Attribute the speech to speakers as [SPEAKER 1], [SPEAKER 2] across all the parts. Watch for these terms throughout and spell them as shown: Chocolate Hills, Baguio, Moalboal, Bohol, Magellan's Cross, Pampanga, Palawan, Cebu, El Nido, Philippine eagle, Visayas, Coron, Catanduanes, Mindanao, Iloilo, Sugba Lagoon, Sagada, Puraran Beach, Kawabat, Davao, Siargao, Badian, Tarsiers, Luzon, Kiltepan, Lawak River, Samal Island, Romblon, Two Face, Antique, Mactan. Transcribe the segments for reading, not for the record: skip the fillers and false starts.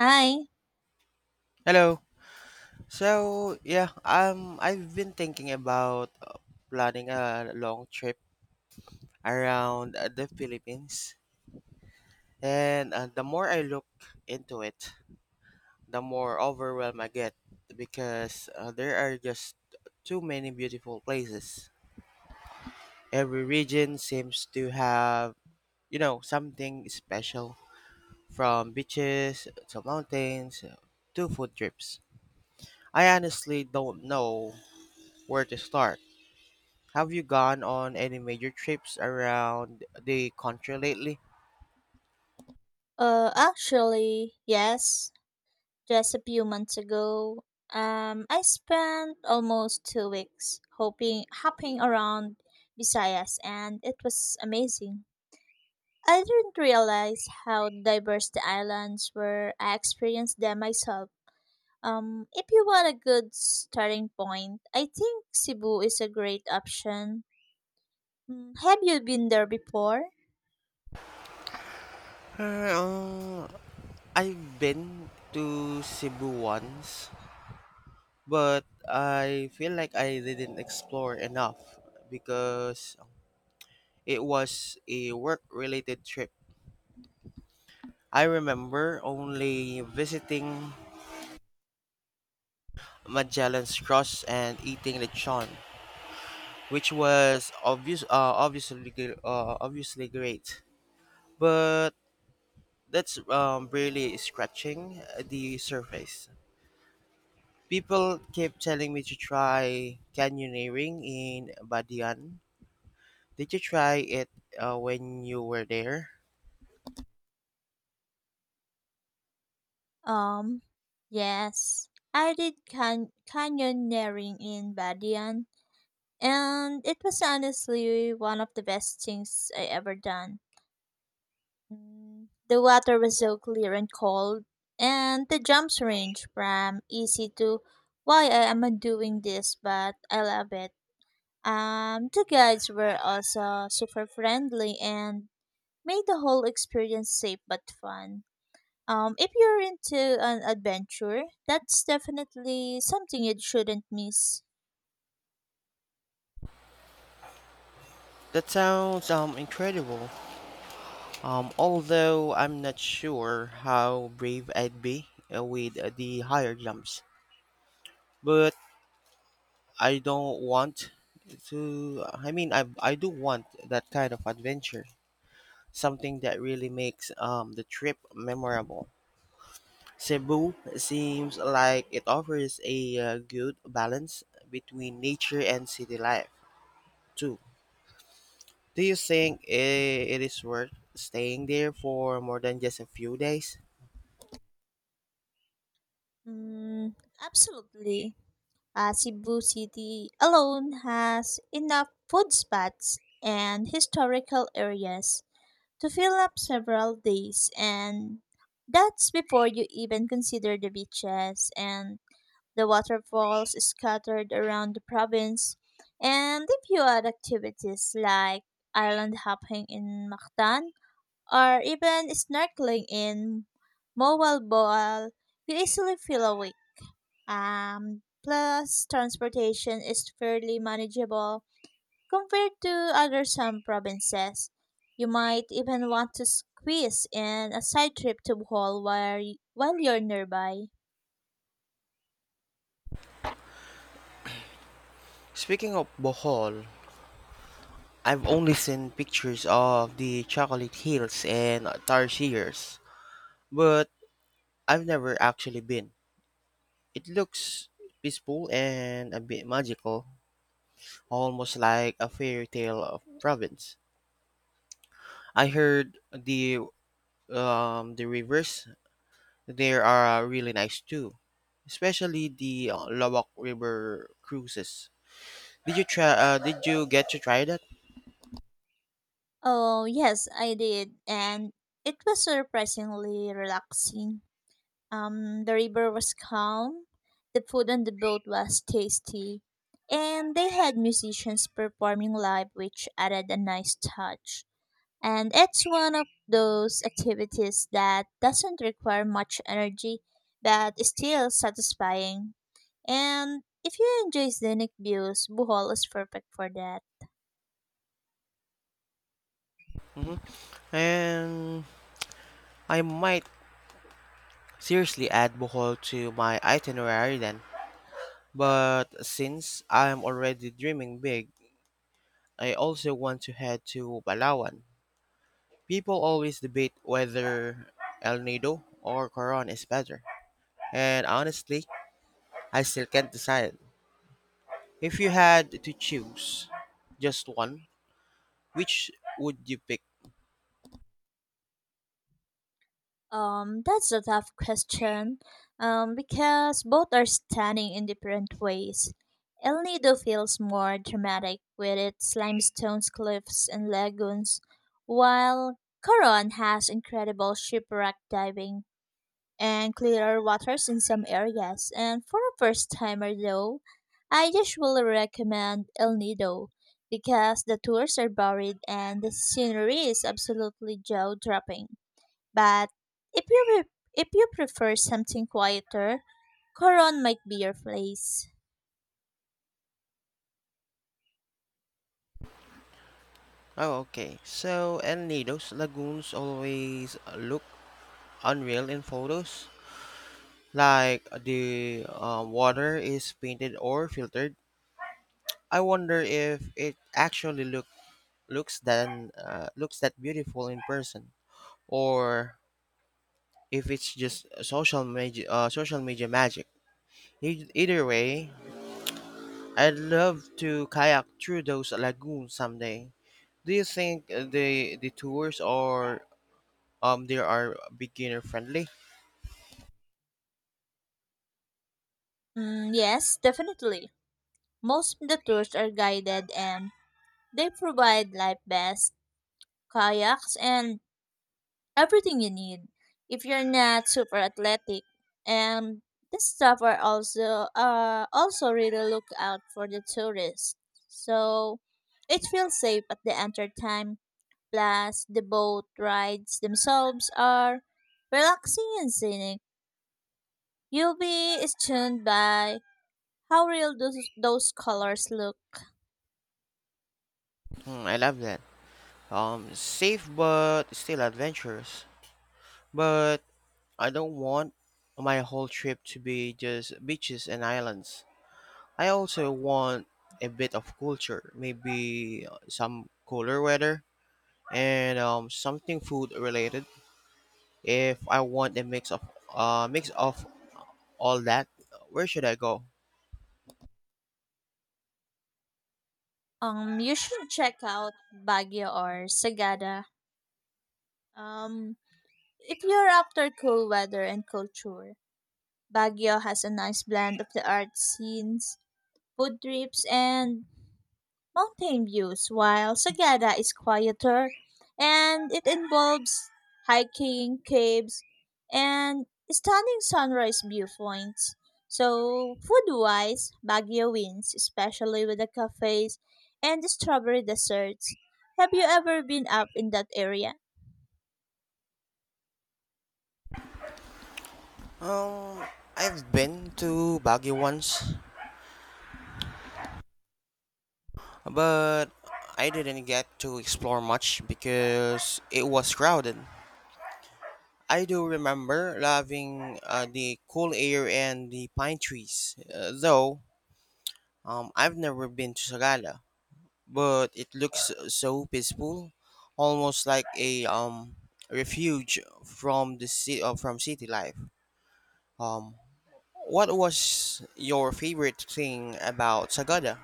[SPEAKER 1] Hi.
[SPEAKER 2] Hello. So, yeah, I've been thinking about planning a long trip around the Philippines. And the more I look into it, the more overwhelmed I get because there are just too many beautiful places. Every region seems to have something special from beaches to mountains to food trips. I honestly don't know where to start. Have you gone on any major trips around the country lately?
[SPEAKER 1] Actually, yes. Just a few months ago, I spent almost 2 weeks hopping around Visayas, and it was amazing. I didn't realize how diverse the islands were. I experienced them myself. If you want a good starting point, I think Cebu is a great option. Mm, have you been there before?
[SPEAKER 2] Uh, I've been to Cebu once, but I feel like I didn't explore enough because it was a work related trip. I remember only visiting Magellan's Cross and eating lechon, which was obviously great. But that's really scratching the surface. People keep telling me to try canyoneering in Badian. Did you try it when you were there?
[SPEAKER 1] Um, yes, I did canyoneering in Badian, and it was honestly one of the best things I ever done. Mm, the water was so clear and cold, and the jumps range from easy to why I am I doing this, but I love it. The guides were also super friendly and made the whole experience safe but fun. If you're into an adventure, that's definitely something you shouldn't miss.
[SPEAKER 2] That sounds incredible. Although I'm not sure how brave I'd be with the higher jumps. But I don't want to. I mean, I do want that kind of adventure. Something that really makes the trip memorable. Cebu seems like it offers a good balance between nature and city life, too. Do you think it is worth staying there for more than just a few days?
[SPEAKER 1] Mm, absolutely. Cebu City alone has enough food spots and historical areas to fill up several days, and that's before you even consider the beaches and the waterfalls scattered around the province. And if you add activities like island hopping in Mactan, or even snorkeling in Mobile Moalboal, you easily feel awake. Plus, transportation is fairly manageable compared to other some provinces. You might even want to squeeze in a side trip to Bohol while you're nearby.
[SPEAKER 2] Speaking of Bohol, I've only seen pictures of the Chocolate Hills and Tarsiers, but I've never actually been. It looks peaceful and a bit magical, almost like a fairy tale of province. I heard the rivers there are really nice too, especially the Lawak River cruises. Did you try? Did you get to try that?
[SPEAKER 1] Oh, yes, I did, and it was surprisingly relaxing. The river was calm, the food on the boat was tasty, and they had musicians performing live, which added a nice touch. And it's one of those activities that doesn't require much energy but is still satisfying. And if you enjoy scenic views, Bohol is perfect for that.
[SPEAKER 2] hmm And I might seriously add Bohol to my itinerary then. But since I'm already dreaming big, I also want to head to Palawan. People always debate whether El Nido or Coron is better, and honestly, I still can't decide. If you had to choose just one, which would you pick?
[SPEAKER 1] That's a tough question. Because both are stunning in different ways. El Nido feels more dramatic with its limestones, cliffs, and lagoons, while Coron has incredible shipwreck diving and clearer waters in some areas. And for a first timer, though, I usually recommend El Nido because the tours are varied and the scenery is absolutely jaw dropping. But if you prefer something quieter, Coron might be your place.
[SPEAKER 2] Oh, okay. So, and Nido's lagoons always look unreal in photos. Like the water is painted or filtered. I wonder if it actually looks that beautiful in person, or if it's just social media magic. Either way, I'd love to kayak through those lagoons someday. Do you think the tours are beginner friendly?
[SPEAKER 1] Mm, yes, definitely. Most of the tours are guided and they provide life vests, kayaks, and everything you need. If you're not super athletic, and the staff are also really look out for the tourists, so it feels safe at the enter time. Plus, the boat rides themselves are relaxing and scenic. You'll be stunned by how real those colors look.
[SPEAKER 2] Hmm, I love that. Safe but still adventurous. But I don't want my whole trip to be just beaches and islands. I also want a bit of culture, maybe some cooler weather and something food related. If I want a mix of all that, where should I go?
[SPEAKER 1] You should check out Baguio or Sagada. Um, if you're after cool weather and culture, Baguio has a nice blend of the art scenes, food trips, and mountain views, while Sagada is quieter and it involves hiking, caves, and stunning sunrise viewpoints. So, food wise, Baguio wins, especially with the cafes and the strawberry desserts. Have you ever been up in that area?
[SPEAKER 2] Um, I've been to Baguio once, but I didn't get to explore much because it was crowded. I do remember loving the cool air and the pine trees, though I've never been to Sagada, but it looks so peaceful, almost like a refuge from city life. Um, what was your favorite thing about Sagada?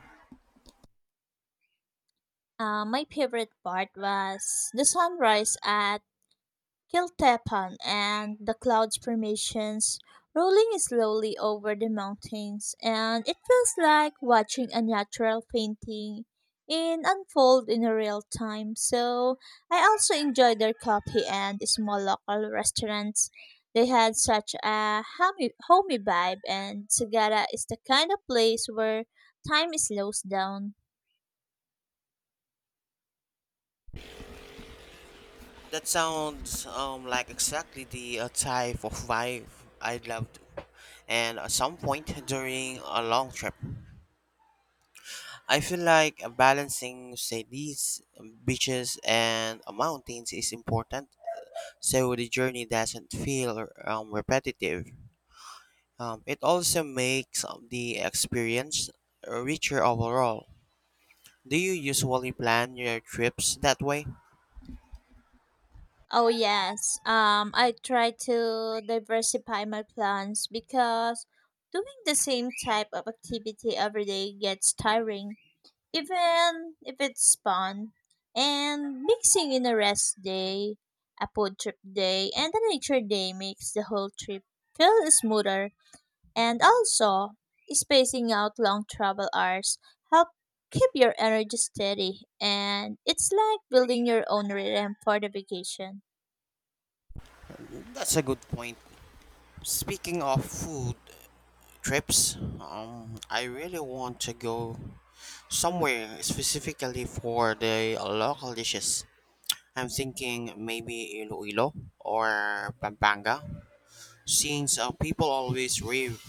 [SPEAKER 1] My favorite part was the sunrise at Kiltepan and the clouds formations rolling slowly over the mountains and it feels like watching a natural painting in unfold in real time. So I also enjoy their coffee and small local restaurants. They had such a homey vibe and Sagara is the kind of place where time slows down.
[SPEAKER 2] That sounds like exactly the type of vibe I'd love to. And at some point during a long trip, I feel like balancing, say, these beaches and mountains is important. So the journey doesn't feel repetitive. It also makes the experience richer overall. Do you usually plan your trips that way?
[SPEAKER 1] Oh yes. I try to diversify my plans because doing the same type of activity every day gets tiring, even if it's fun. And mixing in a rest day, a food trip day, and a nature day makes the whole trip feel smoother. And also, spacing out long travel hours help keep your energy steady and it's like building your own rhythm for the vacation.
[SPEAKER 2] That's a good point. Speaking of food trips. I really want to go somewhere specifically for the local dishes. I'm thinking maybe Iloilo or Pampanga, since people always rave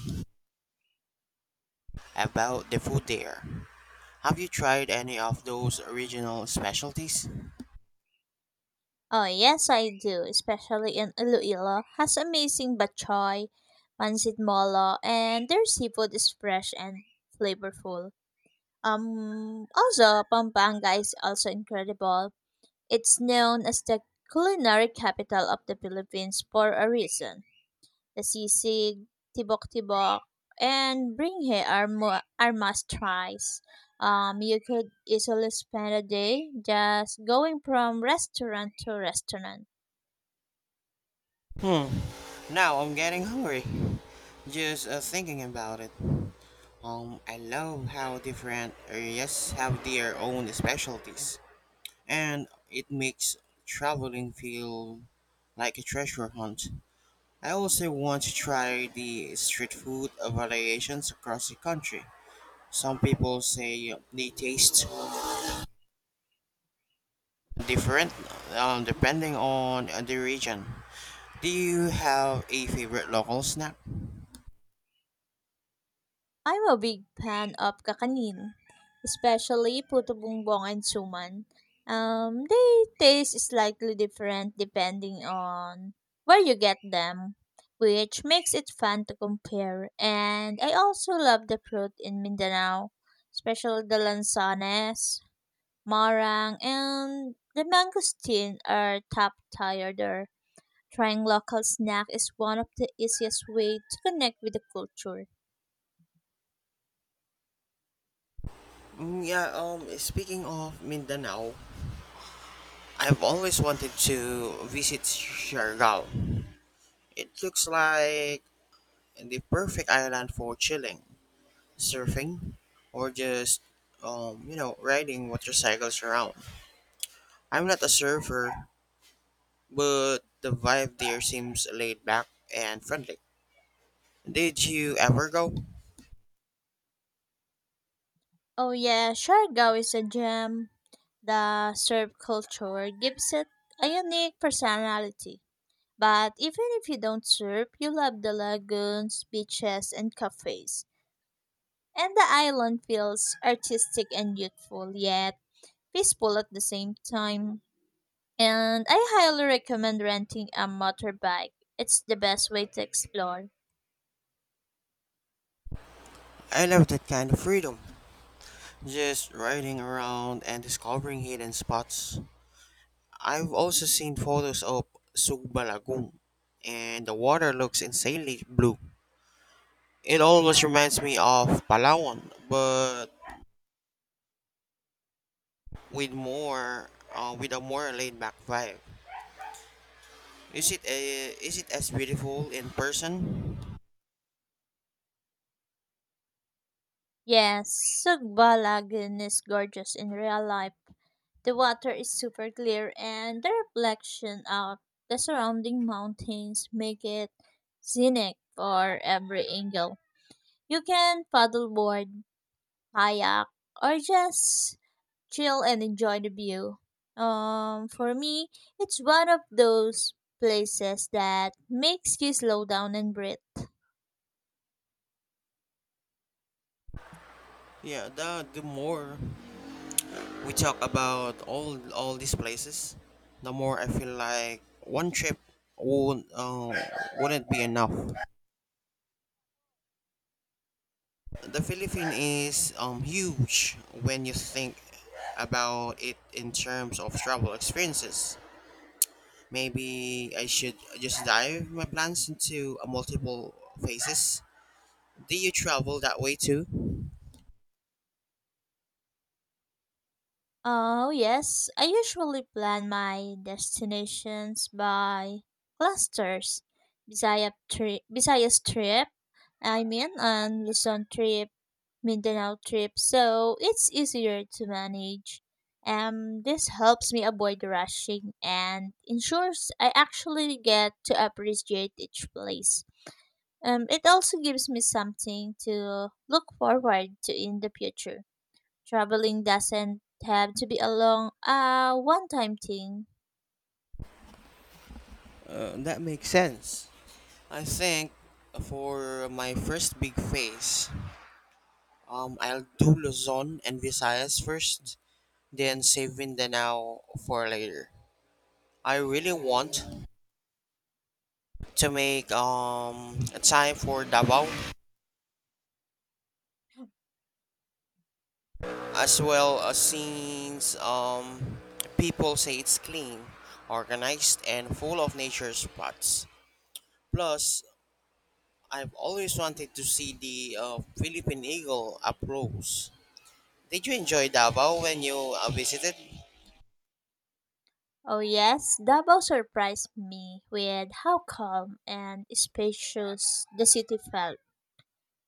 [SPEAKER 2] about the food there. Have you tried any of those regional specialties?
[SPEAKER 1] Oh, yes, I do, especially in Iloilo. Has amazing bachoy, pancit molo, and their seafood is fresh and flavorful. Also, Pampanga is also incredible. It's known as the culinary capital of the Philippines for a reason. The sisig, tibok-tibok, and bringhe are must-tries. You could easily spend a day just going from restaurant to restaurant.
[SPEAKER 2] Hmm. Now I'm getting hungry. Just thinking about it. I love how different areas have their own specialties. And it makes traveling feel like a treasure hunt. I also want to try the street food variations across the country. Some people say they taste different depending on the region. Do you have a favorite local snack?
[SPEAKER 1] I'm a big fan of kakanin, especially puto bumbong and suman. They taste slightly different depending on where you get them, which makes it fun to compare. And I also love the fruit in Mindanao, especially the lansanes, marang, and the mangosteen are top tier there. Trying local snack is one of the easiest way to connect with the culture.
[SPEAKER 2] Mm, yeah, speaking of Mindanao, I've always wanted to visit Siargao. It looks like the perfect island for chilling, surfing, or just riding motorcycles around. I'm not a surfer, but the vibe there seems laid back and friendly. Did you ever go?
[SPEAKER 1] Oh yeah, Siargao is a gem. The Serb culture gives it a unique personality. But even if you don't surf, you love the lagoons, beaches, and cafes. And the island feels artistic and youthful, yet peaceful at the same time. And I highly recommend renting a motorbike. It's the best way to explore.
[SPEAKER 2] I love that kind of freedom, just riding around and discovering hidden spots. I've also seen photos of Sugba Lagoon, and the water looks insanely blue. It almost reminds me of Palawan, but with more, with a more laid back vibe. Is it as beautiful in person?
[SPEAKER 1] Yes, Sugba Lagoon is gorgeous in real life. The water is super clear and the reflection of the surrounding mountains make it scenic for every angle. You can paddleboard, kayak, or just chill and enjoy the view. For me, it's one of those places that makes you slow down and breathe.
[SPEAKER 2] Yeah, the more we talk about all these places, the more I feel like one trip won't wouldn't be enough. The Philippines is huge when you think about it in terms of travel experiences. Maybe I should just dive my plans into a multiple phases. Do you travel that way too?
[SPEAKER 1] Oh, yes. I usually plan my destinations by clusters. Visayas trip, and Luzon trip, Mindanao trip, so it's easier to manage. This helps me avoid rushing and ensures I actually get to appreciate each place. It also gives me something to look forward to in the future. Traveling doesn't have to be a one time thing.
[SPEAKER 2] That makes sense. I think for my first big phase, I'll do Luzon and Visayas first, then saving the now for later. I really want to make a time for Davao, as well as since people say it's clean, organized, and full of nature spots. Plus, I've always wanted to see the Philippine eagle up close. Did you enjoy Davao when you visited?
[SPEAKER 1] Oh, yes, Davao surprised me with how calm and spacious the city felt.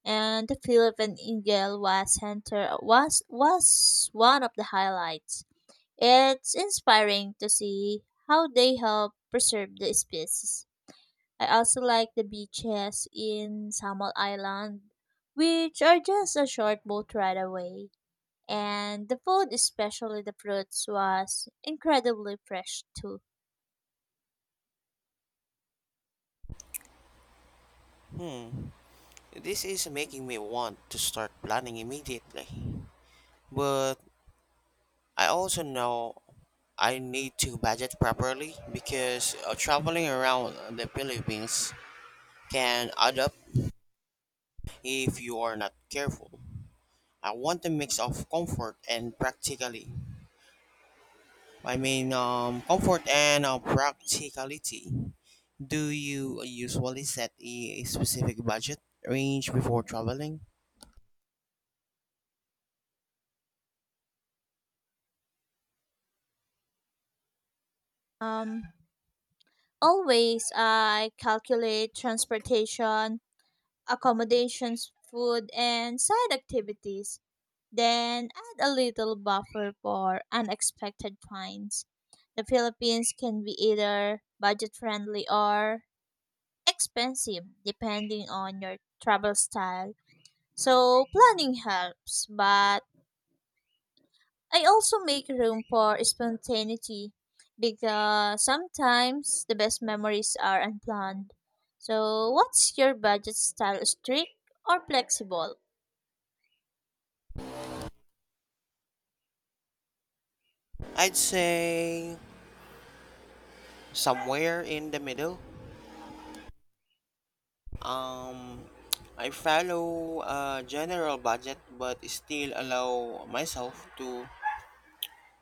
[SPEAKER 1] And the Philippine Eagle was center was one of the highlights. It's inspiring to see how they help preserve the species. I also like the beaches in Samal Island, which are just a short boat ride away. And the food, especially the fruits, was incredibly fresh too.
[SPEAKER 2] Hmm. This is making me want to start planning immediately. But I also know I need to budget properly because traveling around the Philippines can add up if you are not careful. I want a mix of comfort and practically. I mean, comfort and practicality. Do you usually set a specific budget range before traveling?
[SPEAKER 1] Um, always I calculate transportation, accommodations, food, and side activities. Then add a little buffer for unexpected finds. The Philippines can be either budget friendly or expensive depending on your travel style. So planning helps, but I also make room for spontaneity because sometimes the best memories are unplanned. So, what's your budget style, strict or flexible?
[SPEAKER 2] I'd say somewhere in the middle. Um, I follow a general budget but still allow myself to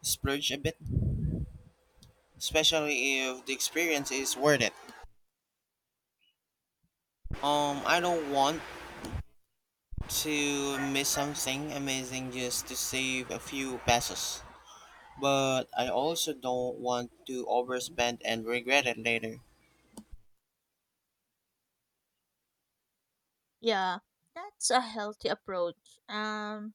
[SPEAKER 2] splurge a bit, especially if the experience is worth it. I don't want to miss something amazing just to save a few pesos, but I also don't want to overspend and regret it later.
[SPEAKER 1] Yeah, that's a healthy approach.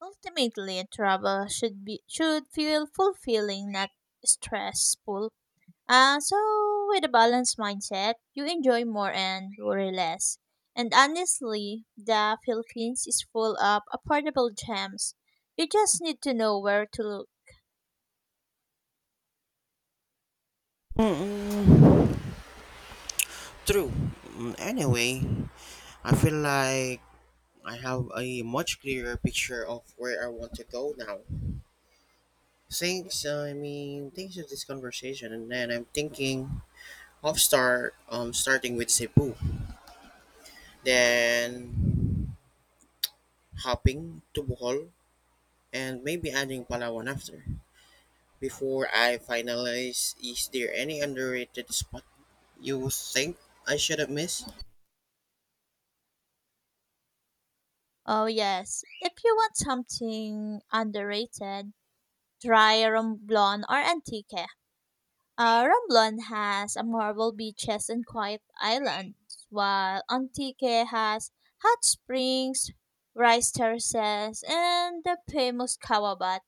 [SPEAKER 1] Ultimately travel should feel fulfilling, not stressful. So, with a balanced mindset, you enjoy more and worry less. And honestly, the Philippines is full of affordable gems. You just need to know where to look.
[SPEAKER 2] Mm, true. Mm, anyway, I feel like I have a much clearer picture of where I want to go now. Thanks. I mean, thanks for this conversation, and then I'm thinking of starting with Cebu, then hopping to Bohol, and maybe adding Palawan after. Before I finalize, is there any underrated spot you think I should have missed?
[SPEAKER 1] Oh, yes. If you want something underrated, try Romblon or Antique. Romblon has a marble beaches and quiet islands, while Antique has hot springs, rice terraces, and the famous Kawabat.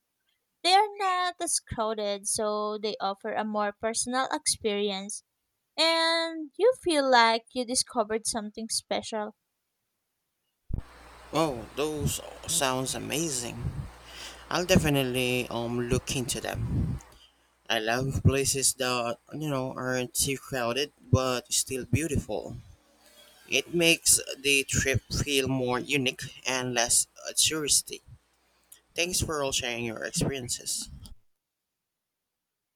[SPEAKER 1] They are not as crowded, so they offer a more personal experience, and you feel like you discovered something special.
[SPEAKER 2] Oh, those sounds amazing. I'll definitely look into them. I love places that aren't too crowded but still beautiful. It makes the trip feel more unique and less touristy. Thanks for all sharing your experiences.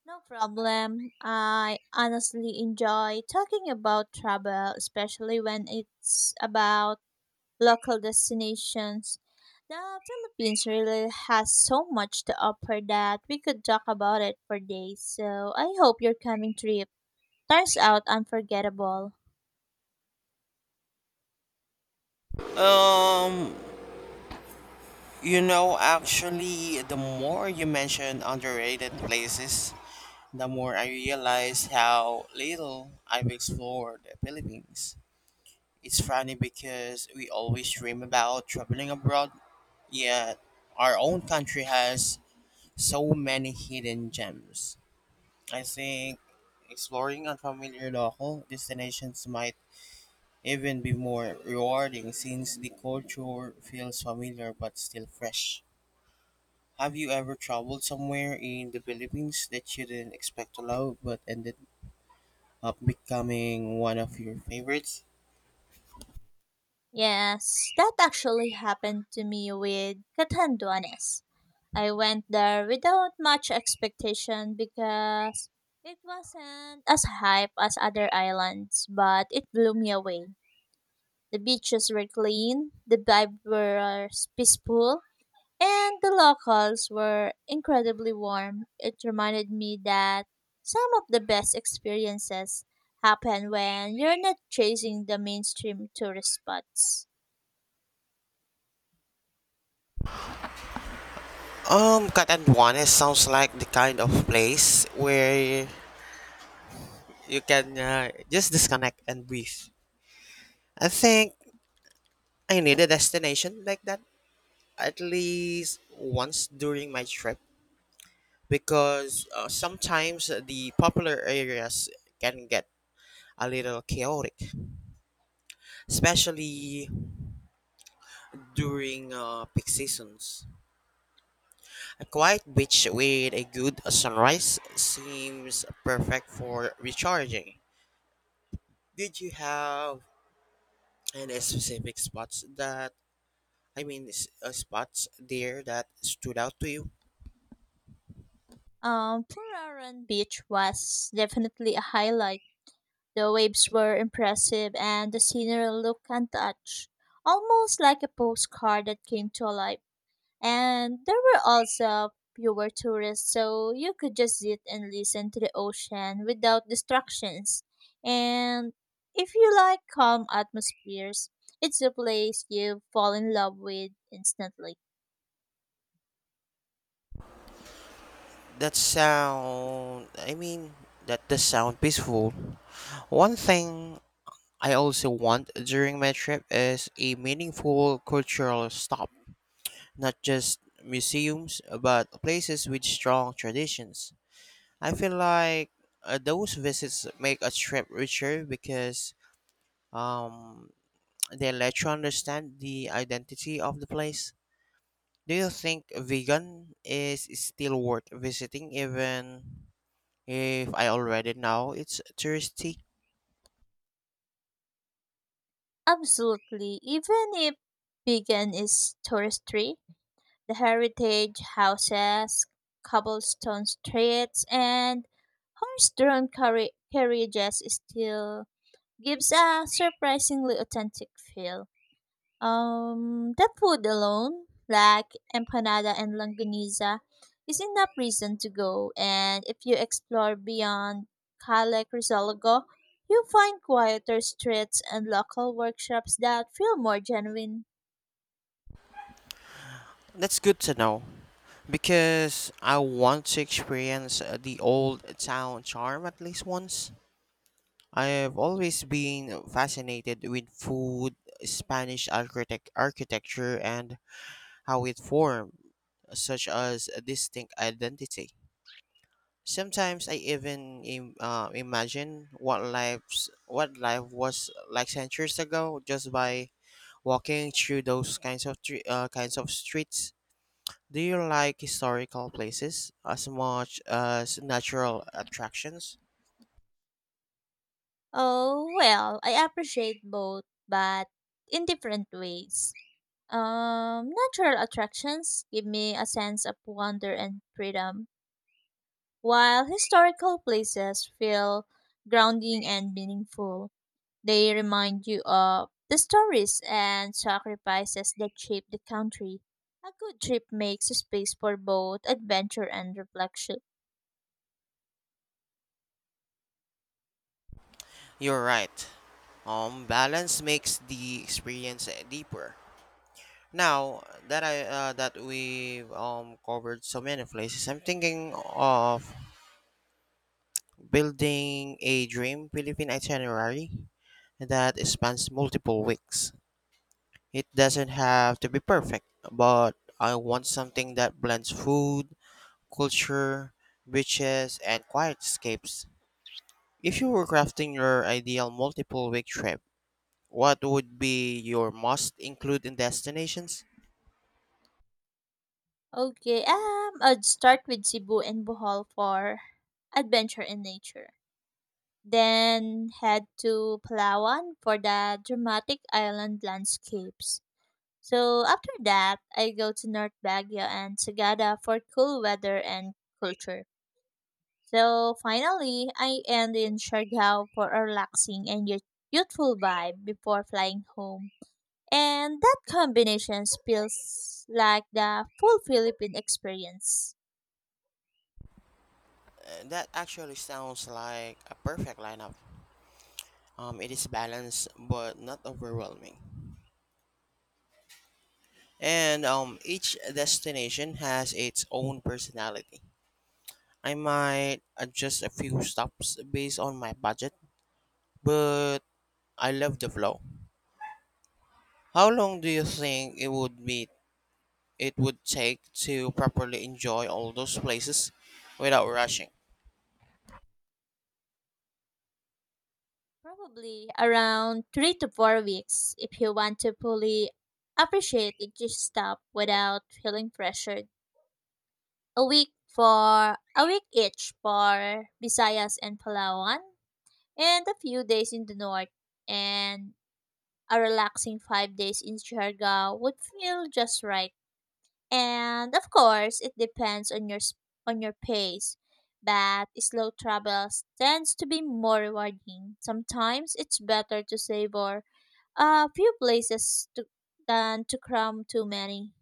[SPEAKER 1] No problem. I honestly enjoy talking about travel, especially when it's about local destinations. The Philippines really has so much to offer that we could talk about it for days. So I hope your coming trip turns out unforgettable.
[SPEAKER 2] Um, actually, the more you mention underrated places, the more I realize how little I've explored the Philippines. It's funny because we always dream about traveling abroad, yet our own country has so many hidden gems. I think exploring unfamiliar local destinations might even be more rewarding since the culture feels familiar but still fresh. Have you ever traveled somewhere in the Philippines that you didn't expect to love but ended up becoming one of your favorites?
[SPEAKER 1] Yes, that actually happened to me with Catanduanes. I went there without much expectation because it wasn't as hype as other islands, but it blew me away. The beaches were clean, the vibe was peaceful, and the locals were incredibly warm. It reminded me that some of the best experiences happen when you're not chasing the mainstream tourist spots.
[SPEAKER 2] Catanduanes sounds like the kind of place where you can just disconnect and breathe. I think I need a destination like that at least once during my trip. Because sometimes the popular areas can get a little chaotic, especially during peak seasons. A quiet beach with a good sunrise seems perfect for recharging. Did you have any specific spots that I mean, spots there that stood out to you?
[SPEAKER 1] Puraran Beach was definitely a highlight. The waves were impressive and the scenery looked untouched, almost like a postcard that came to life. And there were also fewer tourists, so you could just sit and listen to the ocean without distractions. And if you like calm atmospheres, it's a place you fall in love with instantly.
[SPEAKER 2] I mean, that does sound peaceful. One thing I also want during my trip is a meaningful cultural stop, not just museums, but places with strong traditions. I feel like those visits make a trip richer because um, they let you understand the identity of the place. Do you think vegan is still worth visiting even if I already know it's touristy?
[SPEAKER 1] Absolutely, even if vegan is touristy the heritage houses, cobblestone streets, and carriages still gives a surprisingly authentic feel. The food alone, like empanada and longaniza, is enough reason to go. And if you explore beyond Calec Rizalogo, you find quieter streets and local workshops that feel more genuine.
[SPEAKER 2] That's good to know. Because I want to experience the old town charm at least once. I've always been fascinated with food, Spanish architecture, and how it formed such as a distinct identity. Sometimes I even imagine what life was like centuries ago just by walking through those kinds of streets. Do you like historical places as much as natural attractions?
[SPEAKER 1] Oh, well, I appreciate both, but in different ways. Natural attractions give me a sense of wonder and freedom, while historical places feel grounding and meaningful. They remind you of the stories and sacrifices that shape the country. A good trip makes space for both adventure and reflection.
[SPEAKER 2] You're right. Balance makes the experience deeper. Now that we covered so many places, I'm thinking of building a dream Philippine itinerary that spans multiple weeks. It doesn't have to be perfect, but I want something that blends food, culture, beaches, and quiet escapes. If you were crafting your ideal multiple week trip, what would be your must include in destinations?
[SPEAKER 1] Okay, I'd start with Cebu and Bohol for adventure and nature, then head to Palawan for the dramatic island landscapes. So after that, I go to North Baguio and Sagada for cool weather and culture. So finally, I end in Siargao for a relaxing and youthful vibe before flying home. And that combination feels like the full Philippine experience.
[SPEAKER 2] That actually sounds like a perfect lineup. It is balanced but not overwhelming. And each destination has its own personality. I might adjust a few stops based on my budget, but I love the flow. How long do you think it would take to properly enjoy all those places without rushing?
[SPEAKER 1] Probably around 3 to 4 weeks if you want to fully appreciate each step without feeling pressured. A week each for Visayas and Palawan, and a few days in the north, and a relaxing 5 days in Siargao would feel just right. And of course, it depends on on your pace. But slow travels tends to be more rewarding. Sometimes it's better to savor a few places to, than to cram too many.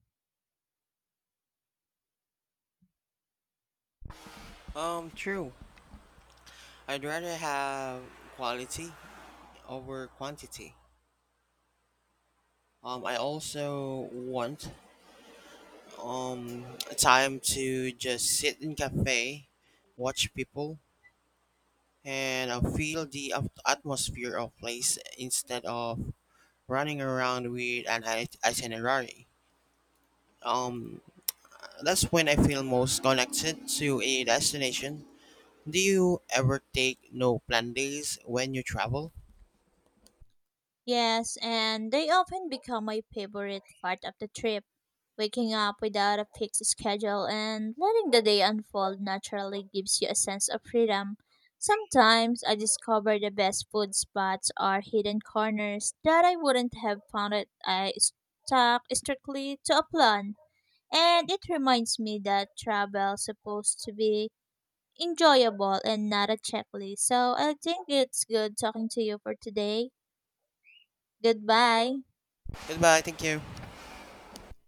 [SPEAKER 2] True. I'd rather have quality over quantity. I also want um time to just sit in cafe, watch people, and feel the atmosphere of place instead of running around with an itinerary. Um, that's when I feel most connected to a destination. Do you ever take no plan days when you travel?
[SPEAKER 1] Yes, and they often become my favorite part of the trip. Waking up without a fixed schedule and letting the day unfold naturally gives you a sense of freedom. Sometimes I discover the best food spots or hidden corners that I wouldn't have found it I stuck strictly to a plan. And it reminds me that travel supposed to be enjoyable and not a checklist. So I think it's good talking to you for today. Goodbye.
[SPEAKER 2] Goodbye. Thank you.